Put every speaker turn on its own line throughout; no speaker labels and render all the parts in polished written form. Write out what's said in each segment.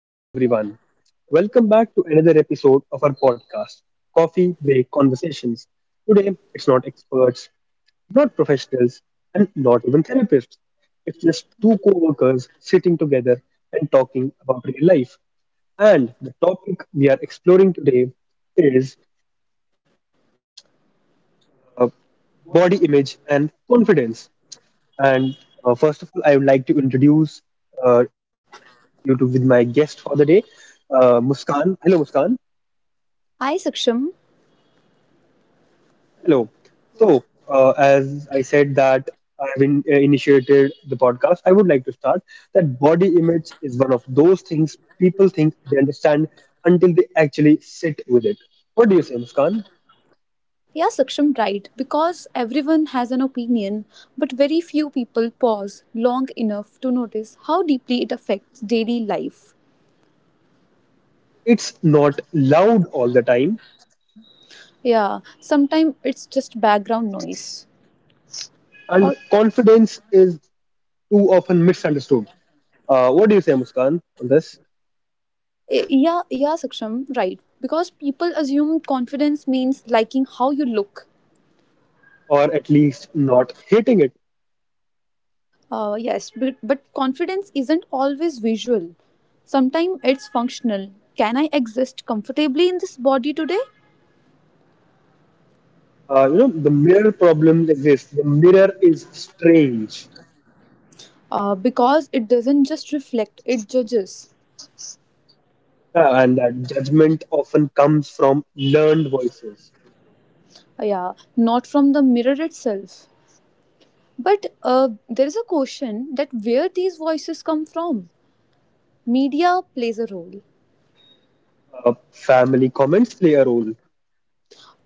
Hello, everyone. Welcome back to another episode of our podcast, Coffee Break Conversations. Today, it's not experts, not professionals, and not even therapists. It's just two co workers sitting together and talking about real life. And the topic we are exploring today is uh, body image and confidence. And First of all, I would like to introduce uh, you to with my guest for the day, Muskan. Hello, Muskan.
I, Saksham.
Hello. As I said that initiated the podcast, I would like to start that body image is one of those things people think they understand until they actually sit with it. What do you say, Muskan?
Yeah, Saksham, right. Because everyone has an opinion, but very few people pause long enough to notice how deeply it affects daily life.
It's not loud all the time,
Yeah, sometimes it's just background noise.
and
Or
confidence is too often misunderstood. What do you say, Muskan, on this?
yeah, Saksham, right. Because people assume confidence means liking how you look.
Or at least not hitting it.
Yes, but confidence isn't always visual. Sometimes it's functional. Can I exist comfortably in this body today?
You know, the mirror problem exists. The mirror is strange.
Because it doesn't just reflect, it judges.
And that judgment often comes from learned voices.
Yeah, not from the mirror itself, but there is a question that where these voices come from. Media plays a role,
Family comments play a role.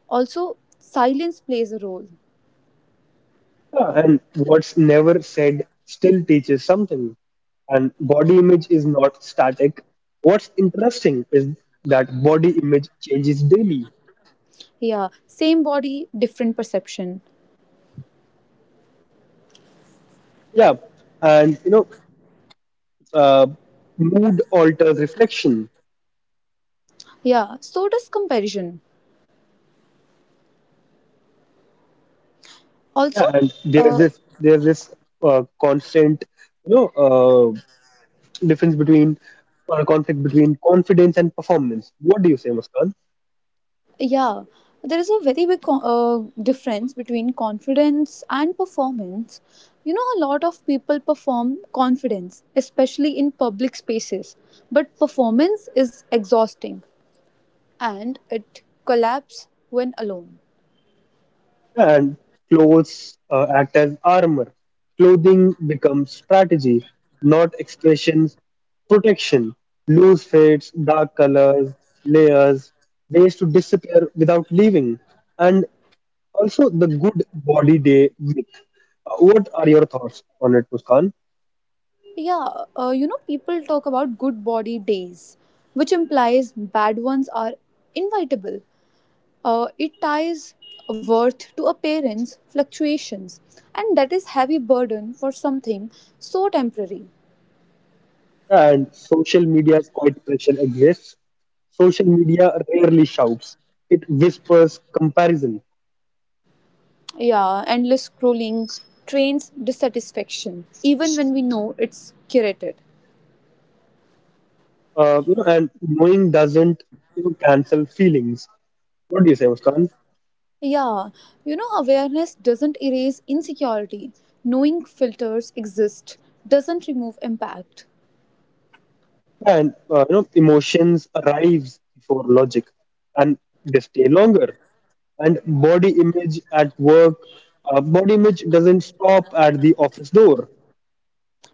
also silence plays a role.
And what's never said still teaches something. And body image is not static. What's interesting is that body image changes daily.
Yeah, same body, different perception.
Yeah, and you know, uh, mood alters reflection.
Yeah, so does comparison also.
Yeah, and there's
uh,
this there's this constant, you know. uh, difference between or a conflict between confidence and performance. What do you say, Muskan?
Yeah, there is a very big difference between confidence and performance. You know, a lot of people perform confidence, especially in public spaces, but performance is exhausting and it collapses when alone.
And clothes act as armor. Clothing becomes strategy, not expressions. Protection, loose fits, dark colors, layers, ways to disappear without leaving, and also the good body day myth. What are your thoughts on it, Muskan?
Yeah, you know, people talk about good body days, which implies bad ones are inevitable. It ties worth to appearance fluctuations, and that is heavy burden for something so temporary.
And social media's quiet pressure exists. Social media rarely shouts; it whispers comparison.
Yeah, endless scrolling trains dissatisfaction, even when we know it's curated.
You know, and knowing doesn't cancel feelings. What do you say, Muskan?
Yeah, you know, awareness doesn't erase insecurity. Knowing filters exist doesn't remove impact.
And You know, emotions arrives before logic, and they stay longer. And body image at work, body image doesn't stop at the office door.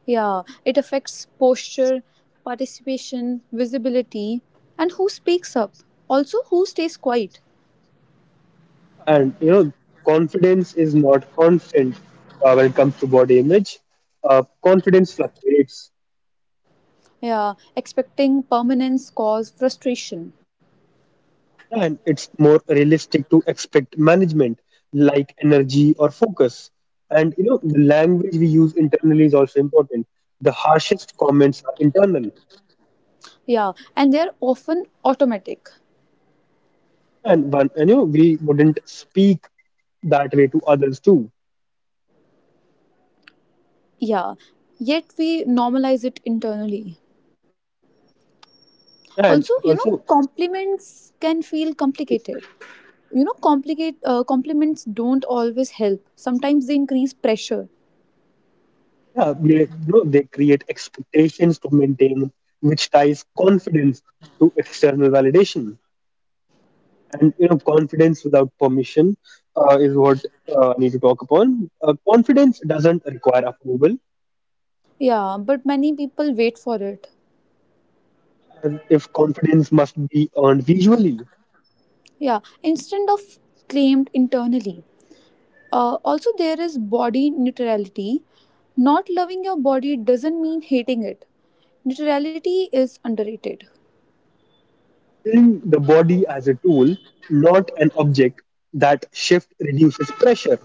Yeah, it affects posture, participation, visibility, and who speaks up. Also, who stays quiet.
And you know confidence is not constant, when it comes to body image confidence fluctuates,
Yeah, expecting permanence cause frustration.
and it's more realistic to expect management like energy or focus. And you know the language we use internally is also important. The harshest comments are internal,
Yeah, and they're often automatic.
and one and you know we wouldn't speak that way to others too.
Yeah, yet we normalize it internally. Also, you
And
know,
also,
compliments can feel complicated. You know, complicate compliments don't always help. Sometimes they increase pressure.
yeah, they, no, they create expectations to maintain, which ties confidence to external validation. And you know, confidence without permission is what I need to talk upon. Confidence doesn't require approval.
Yeah, but many people wait for it.
And if confidence must be earned visually,
Yeah, instead of claimed internally. Also, there is body neutrality. Not loving your body doesn't mean hating it. Neutrality is underrated.
seeing the body as a tool, not an object, that shift reduces pressure.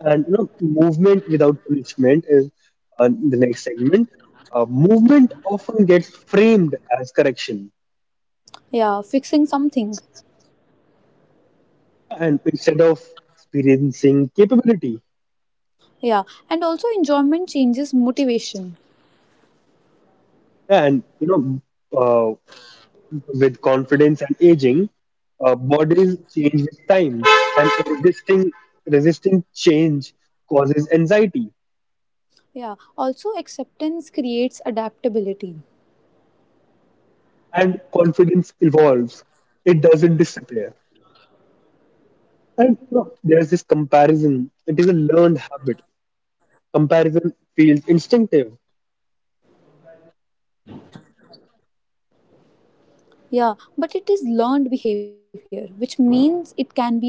And you know, movement without punishment is the next segment. Movement often gets framed as correction,
Yeah, fixing something.
and instead of experiencing capability,
Yeah, and also enjoyment changes motivation.
and you know, uh, with confidence and aging, bodies change with time, and resisting change causes anxiety,
Yeah, also acceptance creates adaptability.
and confidence evolves. It doesn't disappear. And you know, there's this comparison. It is a learned habit. Comparison feels instinctive,
Yeah, but it is learned behavior, which means it can be unlearned slowly with awareness.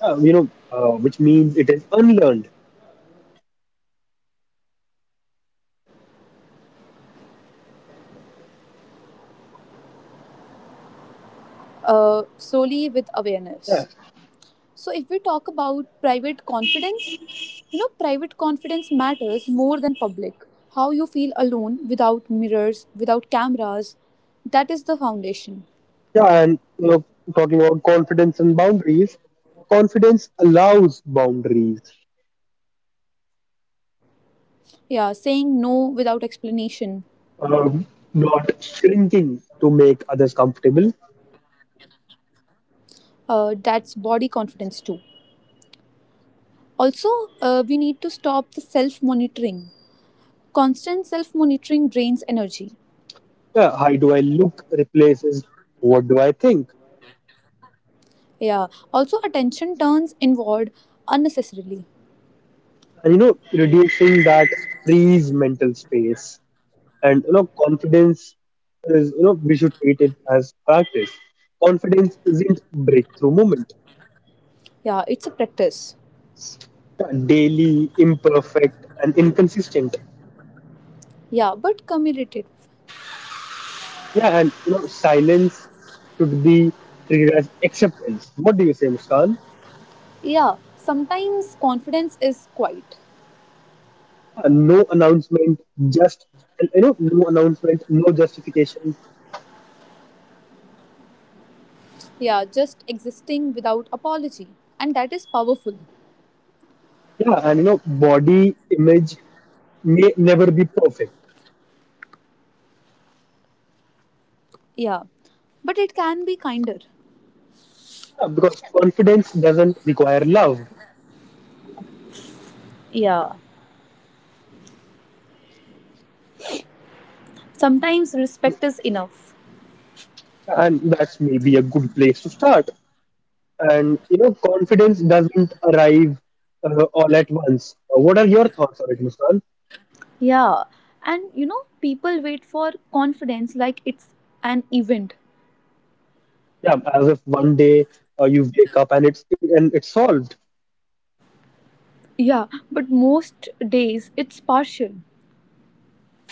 you know, which means it is unlearned.
Slowly with awareness. So, if we talk about
Yeah,
private confidence, you know, private confidence matters more than public. How you feel alone without mirrors, without cameras, that is the foundation.
yeah, and you know, talking about confidence and boundaries, confidence allows boundaries,
Yeah, saying no without explanation,
um, not shrinking to make others comfortable.
that's body confidence too. Also, we need to stop the self monitoring. Constant self monitoring drains energy.
Yeah, how do I look replaces what do I think,
Yeah, also, attention turns inward unnecessarily.
and you know, reducing that frees mental space. And you know confidence is, we should treat it as practice. Confidence isn't breakthrough moment,
Yeah, it's a practice.
daily, imperfect, and inconsistent.
Yeah, but committed.
Yeah, and you know, silence should be treated as acceptance. What do you say, Muskan?
Yeah, sometimes confidence is quiet.
Yeah, no announcement, just, and you know, no announcement, no justification.
Yeah, just existing without apology. And that is powerful.
Yeah, and you know, body image may never be perfect,
Yeah, but it can be kinder.
yeah, because confidence doesn't require love.
Yeah. Sometimes respect is enough.
Yeah, and that's maybe a good place to start. And you know, confidence doesn't arrive all at once. What are your thoughts on it, Muskan?
Yeah, and you know, people wait for confidence like it's an event.
Yeah, as if one day you wake up and it's solved.
Yeah, but most days it's partial.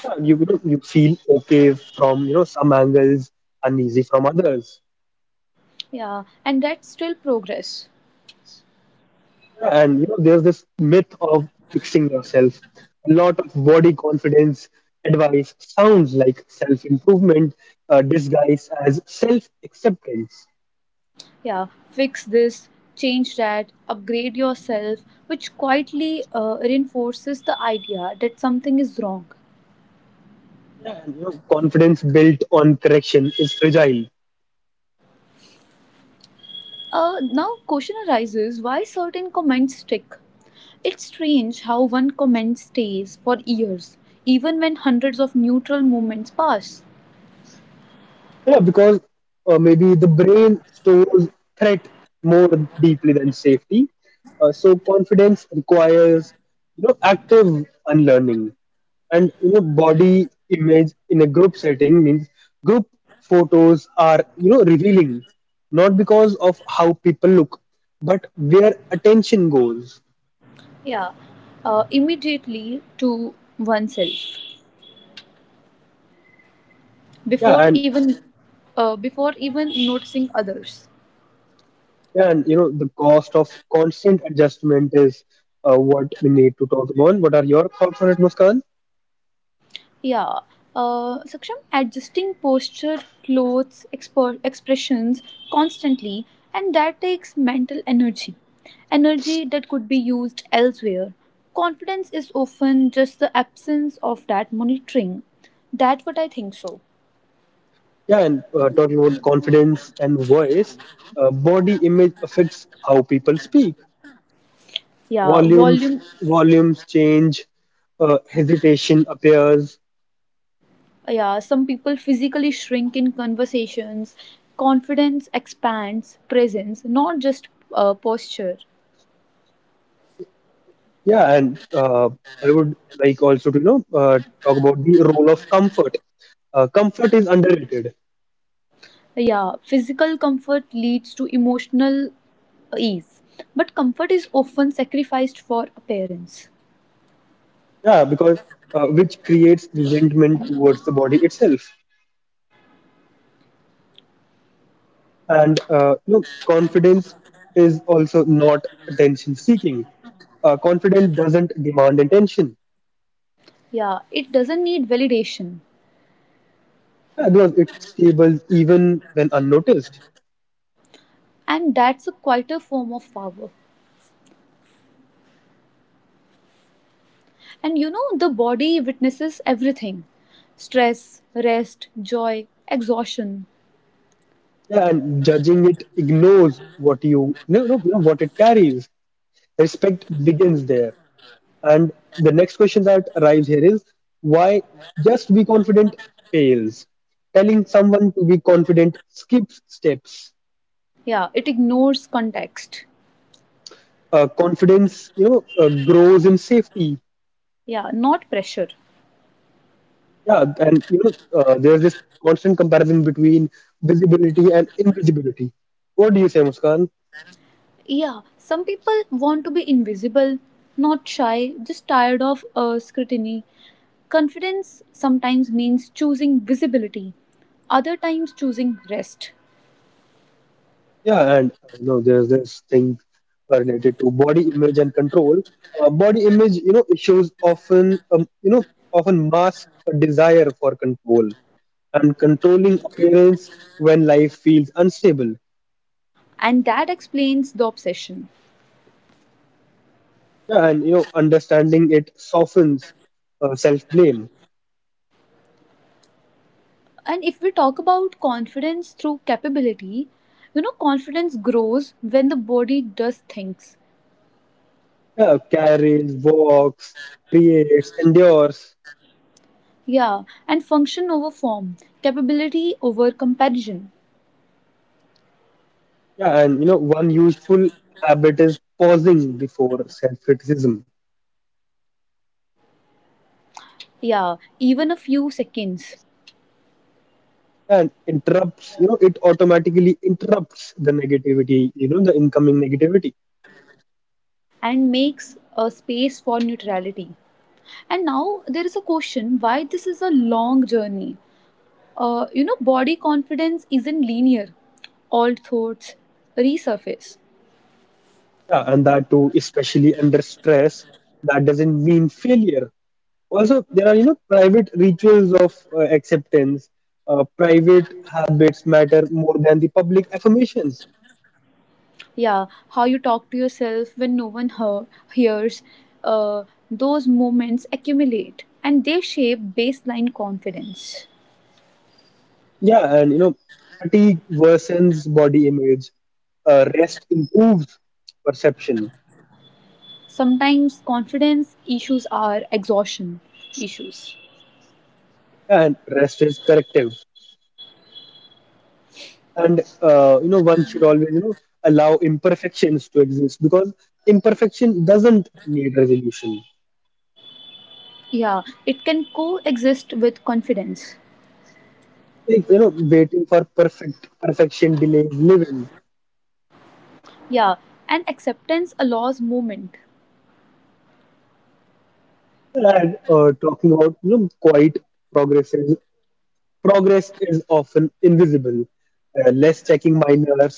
Yeah, you know, you feel okay from you know some angles, uneasy from others.
Yeah. And that's still progress.
Yeah, and you know there's this myth of fixing yourself. A lot of body confidence advice sounds like self-improvement, disguised as self-acceptance.
Yeah, fix this, change that, upgrade yourself, which quietly reinforces the idea that something is wrong.
Yeah, and you know confidence built on correction is fragile.
Uh, now question arises why certain comments stick. It's strange how one comment stays for years even when hundreds of neutral moments pass.
Yeah, because maybe the brain stores threat more deeply than safety. So confidence requires you know active unlearning, and you know body image in a group setting means group photos are you know revealing, not because of how people look, but where attention goes.
Yeah, immediately to oneself
Yeah,
before
and
even, before even noticing others.
yeah, and you know the cost of constant adjustment is what we need to talk about. What are your thoughts on it, Muskan?
Yeah. Saksham, adjusting posture, clothes, expressions constantly, and that takes mental energy. Energy that could be used elsewhere. Confidence is often just the absence of that monitoring. That's what I think so.
Yeah, and talking about confidence and voice, body image affects how people speak.
Yeah,
Volumes,
volume.
Volumes change, hesitation appears.
Yeah, some people physically shrink in conversations. Confidence expands presence, not just posture.
Yeah, and I would like also to you know talk about the role of comfort. Comfort is underrated.
Yeah, physical comfort leads to emotional ease, but comfort is often sacrificed for appearance.
Yeah, because which creates resentment towards the body itself. And you know, confidence is also not attention seeking, confidence doesn't demand attention.
Yeah, it doesn't need validation,
Yeah, because it stables even when unnoticed.
and that's a quieter form of power. And you know, the body witnesses everything: stress, rest, joy, exhaustion.
Yeah, and judging it ignores what you no, no, you know, what it carries. Respect begins there. And the next question that arrives here is why just be confident fails. Telling someone to be confident skips steps.
Yeah, it ignores context.
Confidence, you know, grows in safety.
Yeah, not pressure.
Yeah, and you know, there's this constant comparison between visibility and invisibility. What do you say, Muskan?
Yeah, some people want to be invisible, not shy, just tired of scrutiny. Confidence sometimes means choosing visibility, other times choosing rest.
Yeah, and you know, there's this thing related to body image and control. Body image, you know, issues often, you know, often mask a desire for control, and controlling appearance when life feels unstable.
And that explains the obsession.
Yeah, and you know, understanding it softens self-blame.
And if we talk about confidence through capability, you know, confidence grows when the body does things.
Yeah, carries, walks, creates, endures.
Yeah, and function over form, capability over comparison.
Yeah, and you know, one useful habit is pausing before self-criticism,
Yeah, even a few seconds.
and interrupts you know it automatically interrupts the negativity, you know the incoming negativity.
And makes a space for neutrality. And now there is a question why this is a long journey. You know, body confidence isn't linear. Old thoughts resurface.
Yeah, and that too especially under stress, that doesn't mean failure. Also there are you know private rituals of acceptance. Private habits matter more than the public affirmations.
Yeah, how you talk to yourself when no one hears. Uh, those moments accumulate and they shape baseline confidence.
Yeah, and you know fatigue worsens body image, rest improves perception,
Sometimes confidence issues are exhaustion issues.
and rest is corrective. And you know one should always you know allow imperfections to exist, because imperfection doesn't need resolution,
Yeah, it can coexist with confidence.
like you know waiting for perfect perfection delays living.
Yeah, and acceptance allows movement.
And talking about you know quiet progress is progress is often invisible, less checking minors,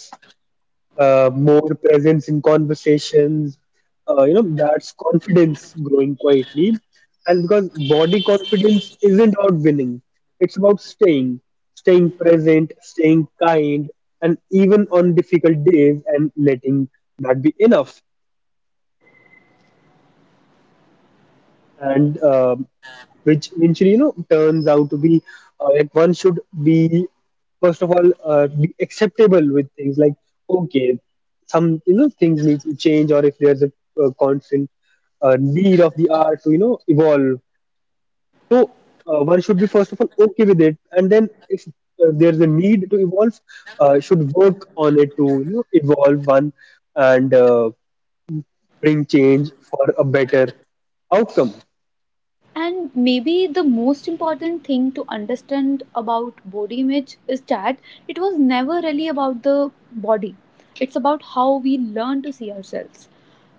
more presence in conversations. You know, that's confidence growing quietly. And because body confidence isn't about winning, it's about staying, staying present, staying kind, and even on difficult days, and letting that be enough. And which eventually you know turns out to be like one should be first of all be acceptable with things like okay some you know things need to change, or if there's a, constant need of the art to you know evolve. So one should be first of all okay with it, and then if there's a need to evolve, should work on it to you know evolve one, and bring change for a better outcome.
And maybe the most important thing to understand about body image is that it was never really about the body, it's about how we learn to see ourselves.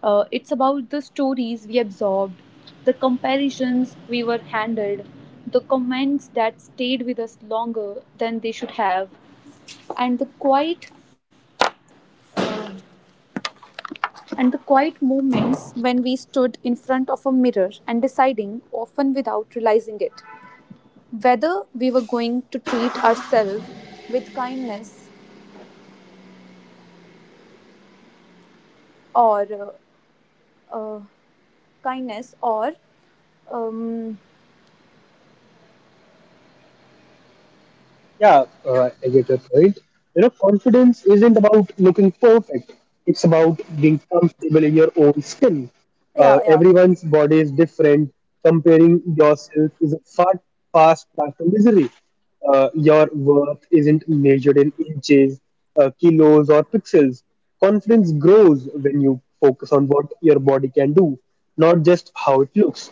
It's about the stories we absorbed, the comparisons we were handled, the comments that stayed with us longer than they should have, and the quiet moments when we stood in front of a mirror and deciding, often without realizing it, whether we were going to treat ourselves with kindness or uh, or um,
Yeah, I get your point. You know, confidence isn't about looking perfect. It's about being comfortable in your own skin.
yeah, yeah.
Everyone's body is different. Comparing yourself is a fast path to misery. Your worth isn't measured in inches, kilos, or pixels. Confidence grows when you focus on what your body can do, not just how it looks.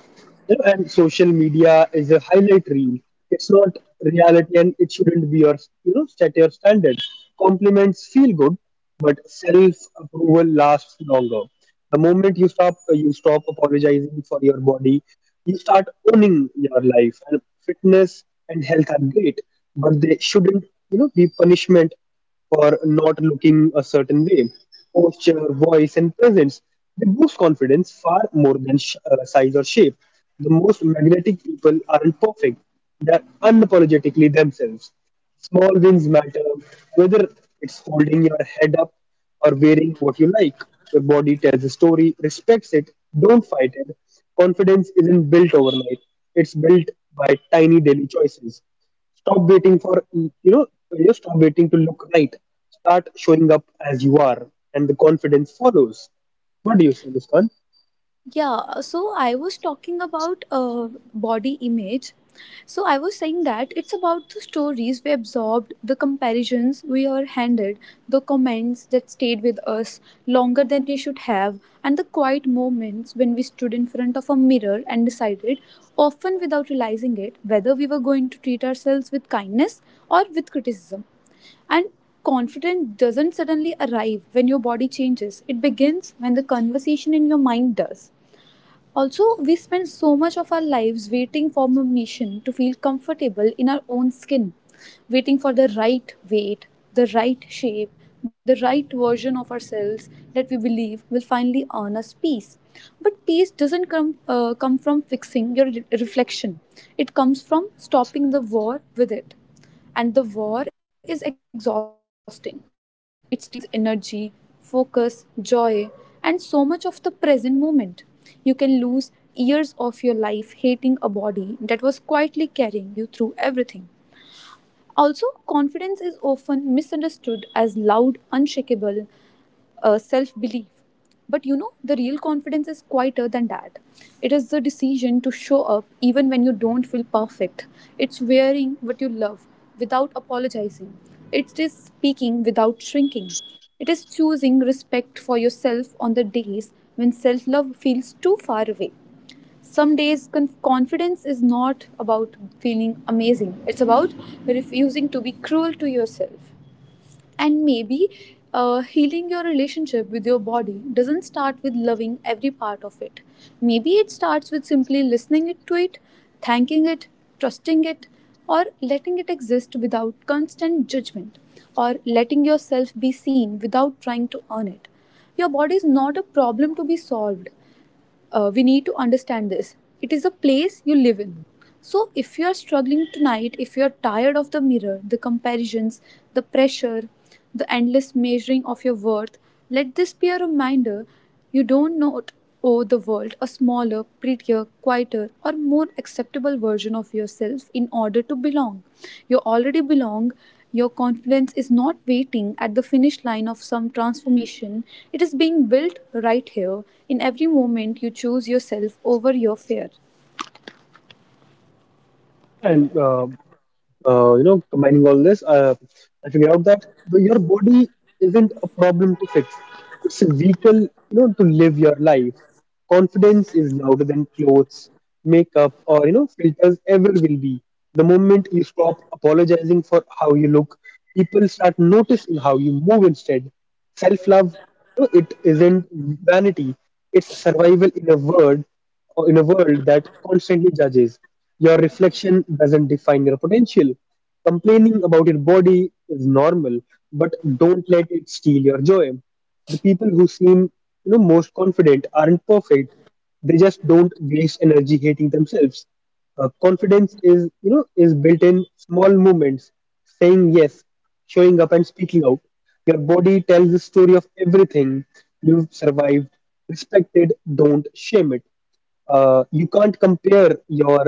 And social media is a highlight reel. It's not reality, and it shouldn't be your set your standards. Compliments feel good, but self approval lasts longer. The moment you stop apologizing for your body, you start owning your life. And fitness and health are great, but they shouldn't you know be punishment for not looking a certain way. Posture, voice, and presence. They boost confidence far more than size or shape. The most magnetic people aren't perfect, they're unapologetically themselves. Small wins matter, whether it's holding your head up or wearing what you like. Your body tells a story, respects it, don't fight it. Confidence isn't built overnight, it's built by tiny daily choices. Stop waiting for you know you stop waiting to look right. Start showing up as you are, and the confidence follows. What do you say, Muskan?
Yeah, so I was talking about body image. So I was saying that it's about the stories we absorbed, the comparisons we are handed, the comments that stayed with us longer than they should have, and the quiet moments when we stood in front of a mirror and decided, often without realizing it, whether we were going to treat ourselves with kindness or with criticism. And confidence doesn't suddenly arrive when your body changes, it begins when the conversation in your mind does. Also, we spend so much of our lives waiting for permission to feel comfortable in our own skin, waiting for the right weight, the right shape, the right version of ourselves that we believe will finally earn us peace. But peace doesn't come from fixing your reflection, it comes from stopping the war with it. And the war is exhausting. It steals energy, focus, joy, and so much of the present moment. You can lose years of your life hating a body that was quietly carrying you through everything. Also, confidence is often misunderstood as loud, unshakable self belief. But you know, the real confidence is quieter than that. It is the decision to show up even when you don't feel perfect. It's wearing what you love without apologizing. It is speaking without shrinking. It is choosing respect for yourself on the days when self love feels too far away. Some days confidence is not about feeling amazing, it's about refusing to be cruel to yourself. And maybe healing your relationship with your body doesn't start with loving every part of it. Maybe it starts with simply listening it to it, thanking it, trusting it, or letting it exist without constant judgment, or letting yourself be seen without trying to earn it. Your body is not a problem to be solved. Uh, we need to understand this. It is a place you live in. So if you are struggling tonight, if you are tired of the mirror, the comparisons, the pressure, the endless measuring of your worth, let this be a reminder. You don't not owe the world a smaller, prettier, quieter or more acceptable version of yourself in order to belong. You already belong. Your confidence is not waiting at the finish line of some transformation, it is being built right here in every moment you choose yourself over your fear.
And you know, combining all this, I figured out that your body isn't a problem to fix. It's a vehicle, you know, to live your life. Confidence is louder than clothes, makeup, or you know, filters ever will be. The moment you stop apologizing for how you look, people start noticing how you move instead. Self-love, you know, it isn't vanity. It's survival in a word or in a world that constantly judges. Your reflection doesn't define your potential. Complaining about your body is normal, but don't let it steal your joy. The people who seem you know most confident aren't perfect. They just don't waste energy hating themselves. Confidence is is built in small moments, saying yes, showing up and speaking out. Your body tells the story of everything you've survived. Respect it, don't shame it. You can't compare your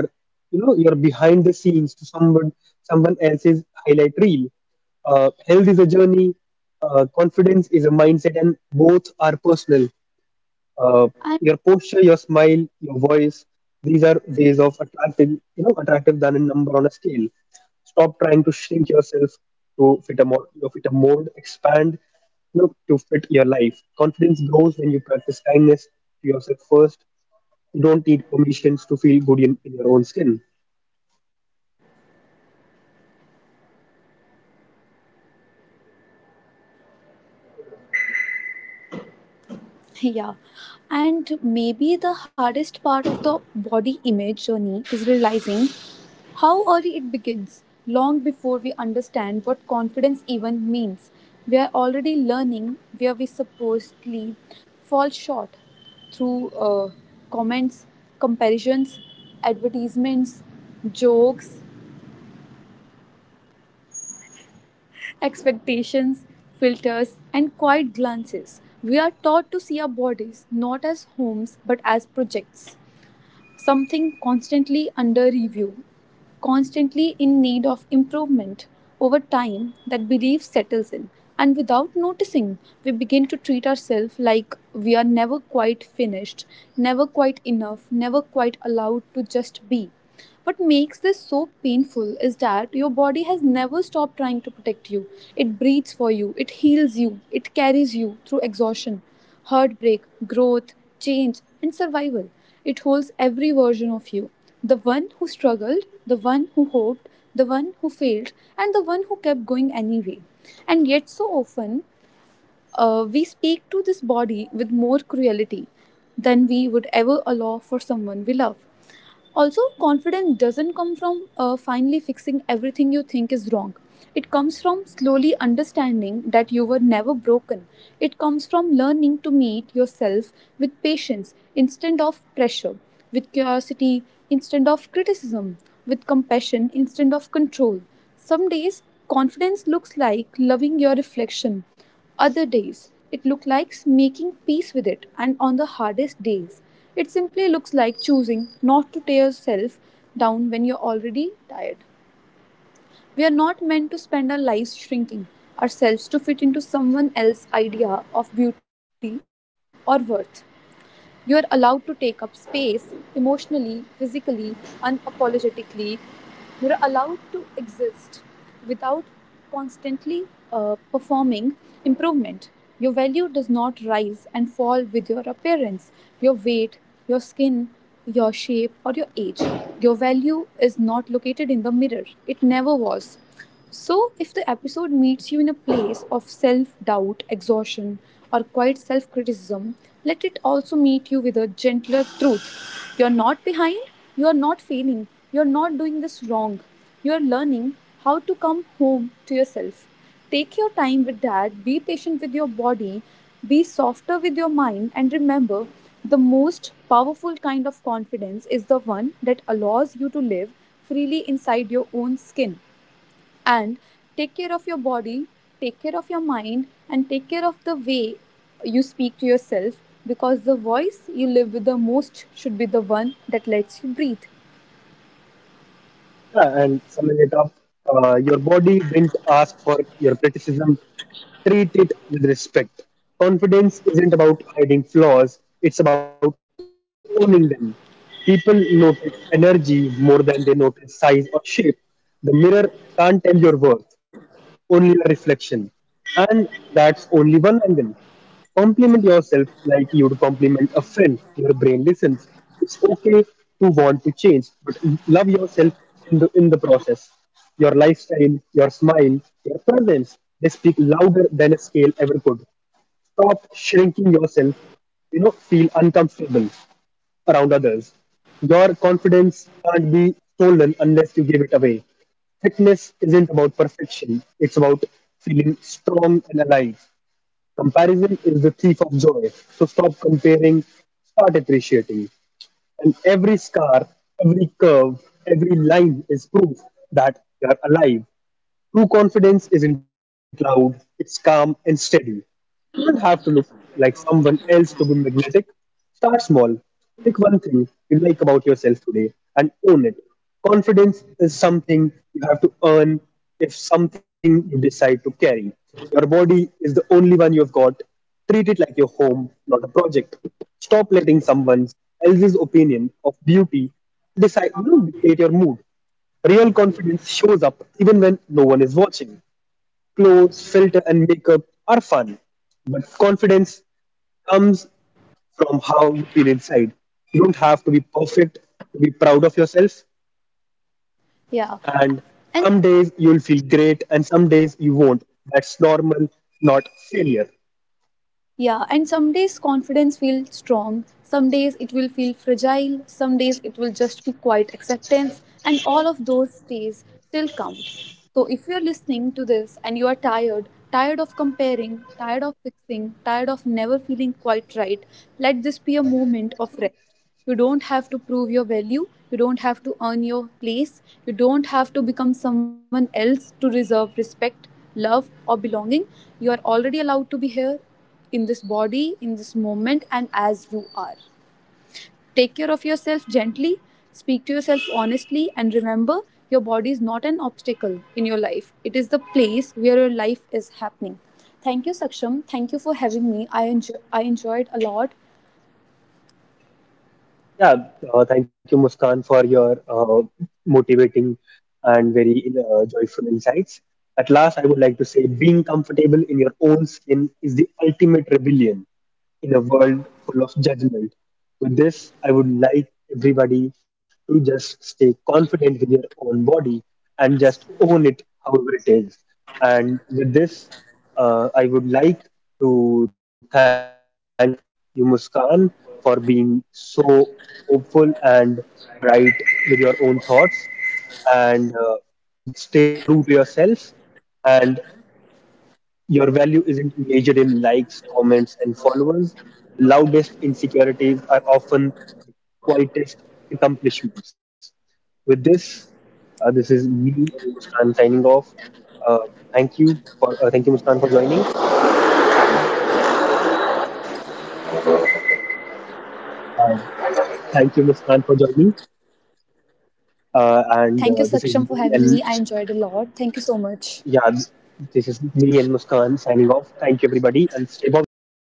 you know your behind the scenes to someone else's highlight reel. Health is a journey. Confidence is a mindset and both are personal. uh,
I
your posture, your smile, your voice, these are ways of attractive, attractive than a number on a scale. Stop trying to shrink yourself to fit a mold, expand, to fit your life. Confidence grows when you practice kindness to yourself first. You don't need permissions to feel good in your own skin.
Yeah. And maybe the hardest part of the body image journey is realizing how early it begins, long before we understand what confidence even means. We are already learning where we supposedly fall short through comments, comparisons, advertisements, jokes, expectations, filters, and quiet glances. We are taught to see our bodies not as homes but as projects. Something constantly under review, constantly in need of improvement. Over time, that belief settles in, and without noticing, we begin to treat ourselves like we are never quite finished, never quite enough, never quite allowed to just be. What makes this so painful is that your body has never stopped trying to protect you. It breathes for you, it heals you, it carries you through exhaustion, heartbreak, growth, change, and survival. It holds every version of you: the one who struggled, the one who hoped, the one who failed, and the one who kept going anyway. And yet, so often, we speak to this body with more cruelty than we would ever allow for someone we love. Also, confidence doesn't come from finally fixing everything you think is wrong. It comes from slowly understanding that you were never broken. It comes from learning to meet yourself with patience instead of pressure, with curiosity instead of criticism, with compassion instead of control. Some days, confidence looks like loving your reflection. Other days, it looks like making peace with it, and on the hardest days, it simply looks like choosing not to tear yourself down when you're already tired. We are not meant to spend our lives shrinking ourselves to fit into someone else's idea of beauty or worth. You're allowed to take up space emotionally, physically, unapologetically. You're allowed to exist without constantly performing improvement. Your value does not rise and fall with your appearance, your weight, your skin, your shape, or your age. Your value is not located in the mirror, it never was. So, if the episode meets you in a place of self doubt, exhaustion, or quiet self criticism, let it also meet you with a gentler truth. You're not behind, you're not failing, you're not doing this wrong. You're learning how to come home to yourself. Take your time with that, be patient with your body, be softer with your mind, and remember the most powerful kind of confidence is the one that allows you to live freely inside your own skin. And take care of your body, take care of your mind, and take care of the way you speak to yourself, because the voice you live with the most should be the one that lets you breathe.
Yeah, and summing it up, your body didn't ask for your criticism. Treat it with respect. Confidence isn't about hiding flaws, it's about owning them. People notice energy more than they notice size or shape. The mirror can't tell your worth, only your reflection. And that's only one angle. Compliment yourself like you'd compliment a friend. Your brain listens. It's okay to want to change, but love yourself in the process. Your lifestyle, your smile, your presence, they speak louder than a scale ever could. Stop shrinking yourself, feel uncomfortable around others. Your confidence can't be stolen unless you give it away. Fitness isn't about perfection, it's about feeling strong and alive. Comparison is the thief of joy. So stop comparing, start appreciating. And every scar, every curve, every line is proof that you are alive. True confidence isn't loud, it's calm and steady. You don't have to look like someone else to be magnetic. Start small. Pick one thing you like about yourself today and own it. Confidence is something you have to earn if something you decide to carry. Your body is the only one you've got. Treat it like your home, not a project. Stop letting someone else's opinion of beauty decide, dictate your mood. Real confidence shows up even when no one is watching. Clothes, filter, and makeup are fun, but confidence comes from how you feel inside. You don't have to be perfect to be proud of yourself,
Yeah,
and
and
some days you'll feel great, and some days you won't. That's normal, not failure.
yeah, and some days confidence feels strong, some days it will feel fragile, some days it will just be quiet acceptance, and all of those days still count. So if you're listening to this and you are tired, tired of comparing, tired of fixing, tired of never feeling quite right, let this be a moment of rest. You don't have to prove your value, you don't have to earn your place, you don't have to become someone else to deserve respect, love, or belonging. You are already allowed to be here in this body, in this moment, and as you are. Take care of yourself gently, speak to yourself honestly, and remember your body is not an obstacle in your life. It is the place where your life is happening. Thank you, Saksham. Thank you for having me. I enjoyed a lot.
Yeah, thank you, Muskan, for your motivating and very joyful insights. At last, I would like to say being comfortable in your own skin is the ultimate rebellion in a world full of judgment. With this, I would like everybody to just stay confident with your own body and just own it however it is. And with this, I would like to thank you, Muskan, for being so hopeful and bright with your own thoughts. And just stay true to yourself. And your value isn't measured in likes, comments, and followers. Loudest insecurities are often the quietest accomplishments. With this, this is me and Muskan signing off. Uh, Thank you for thank you Muskan for joining. Uh, Thank you Muskan for joining. And
Thank you,
this is me
Saksham, for
and
having me. I enjoyed a lot. Thank you so much.
yeah, this is me and Muskan signing off. Thank you everybody and stay positive.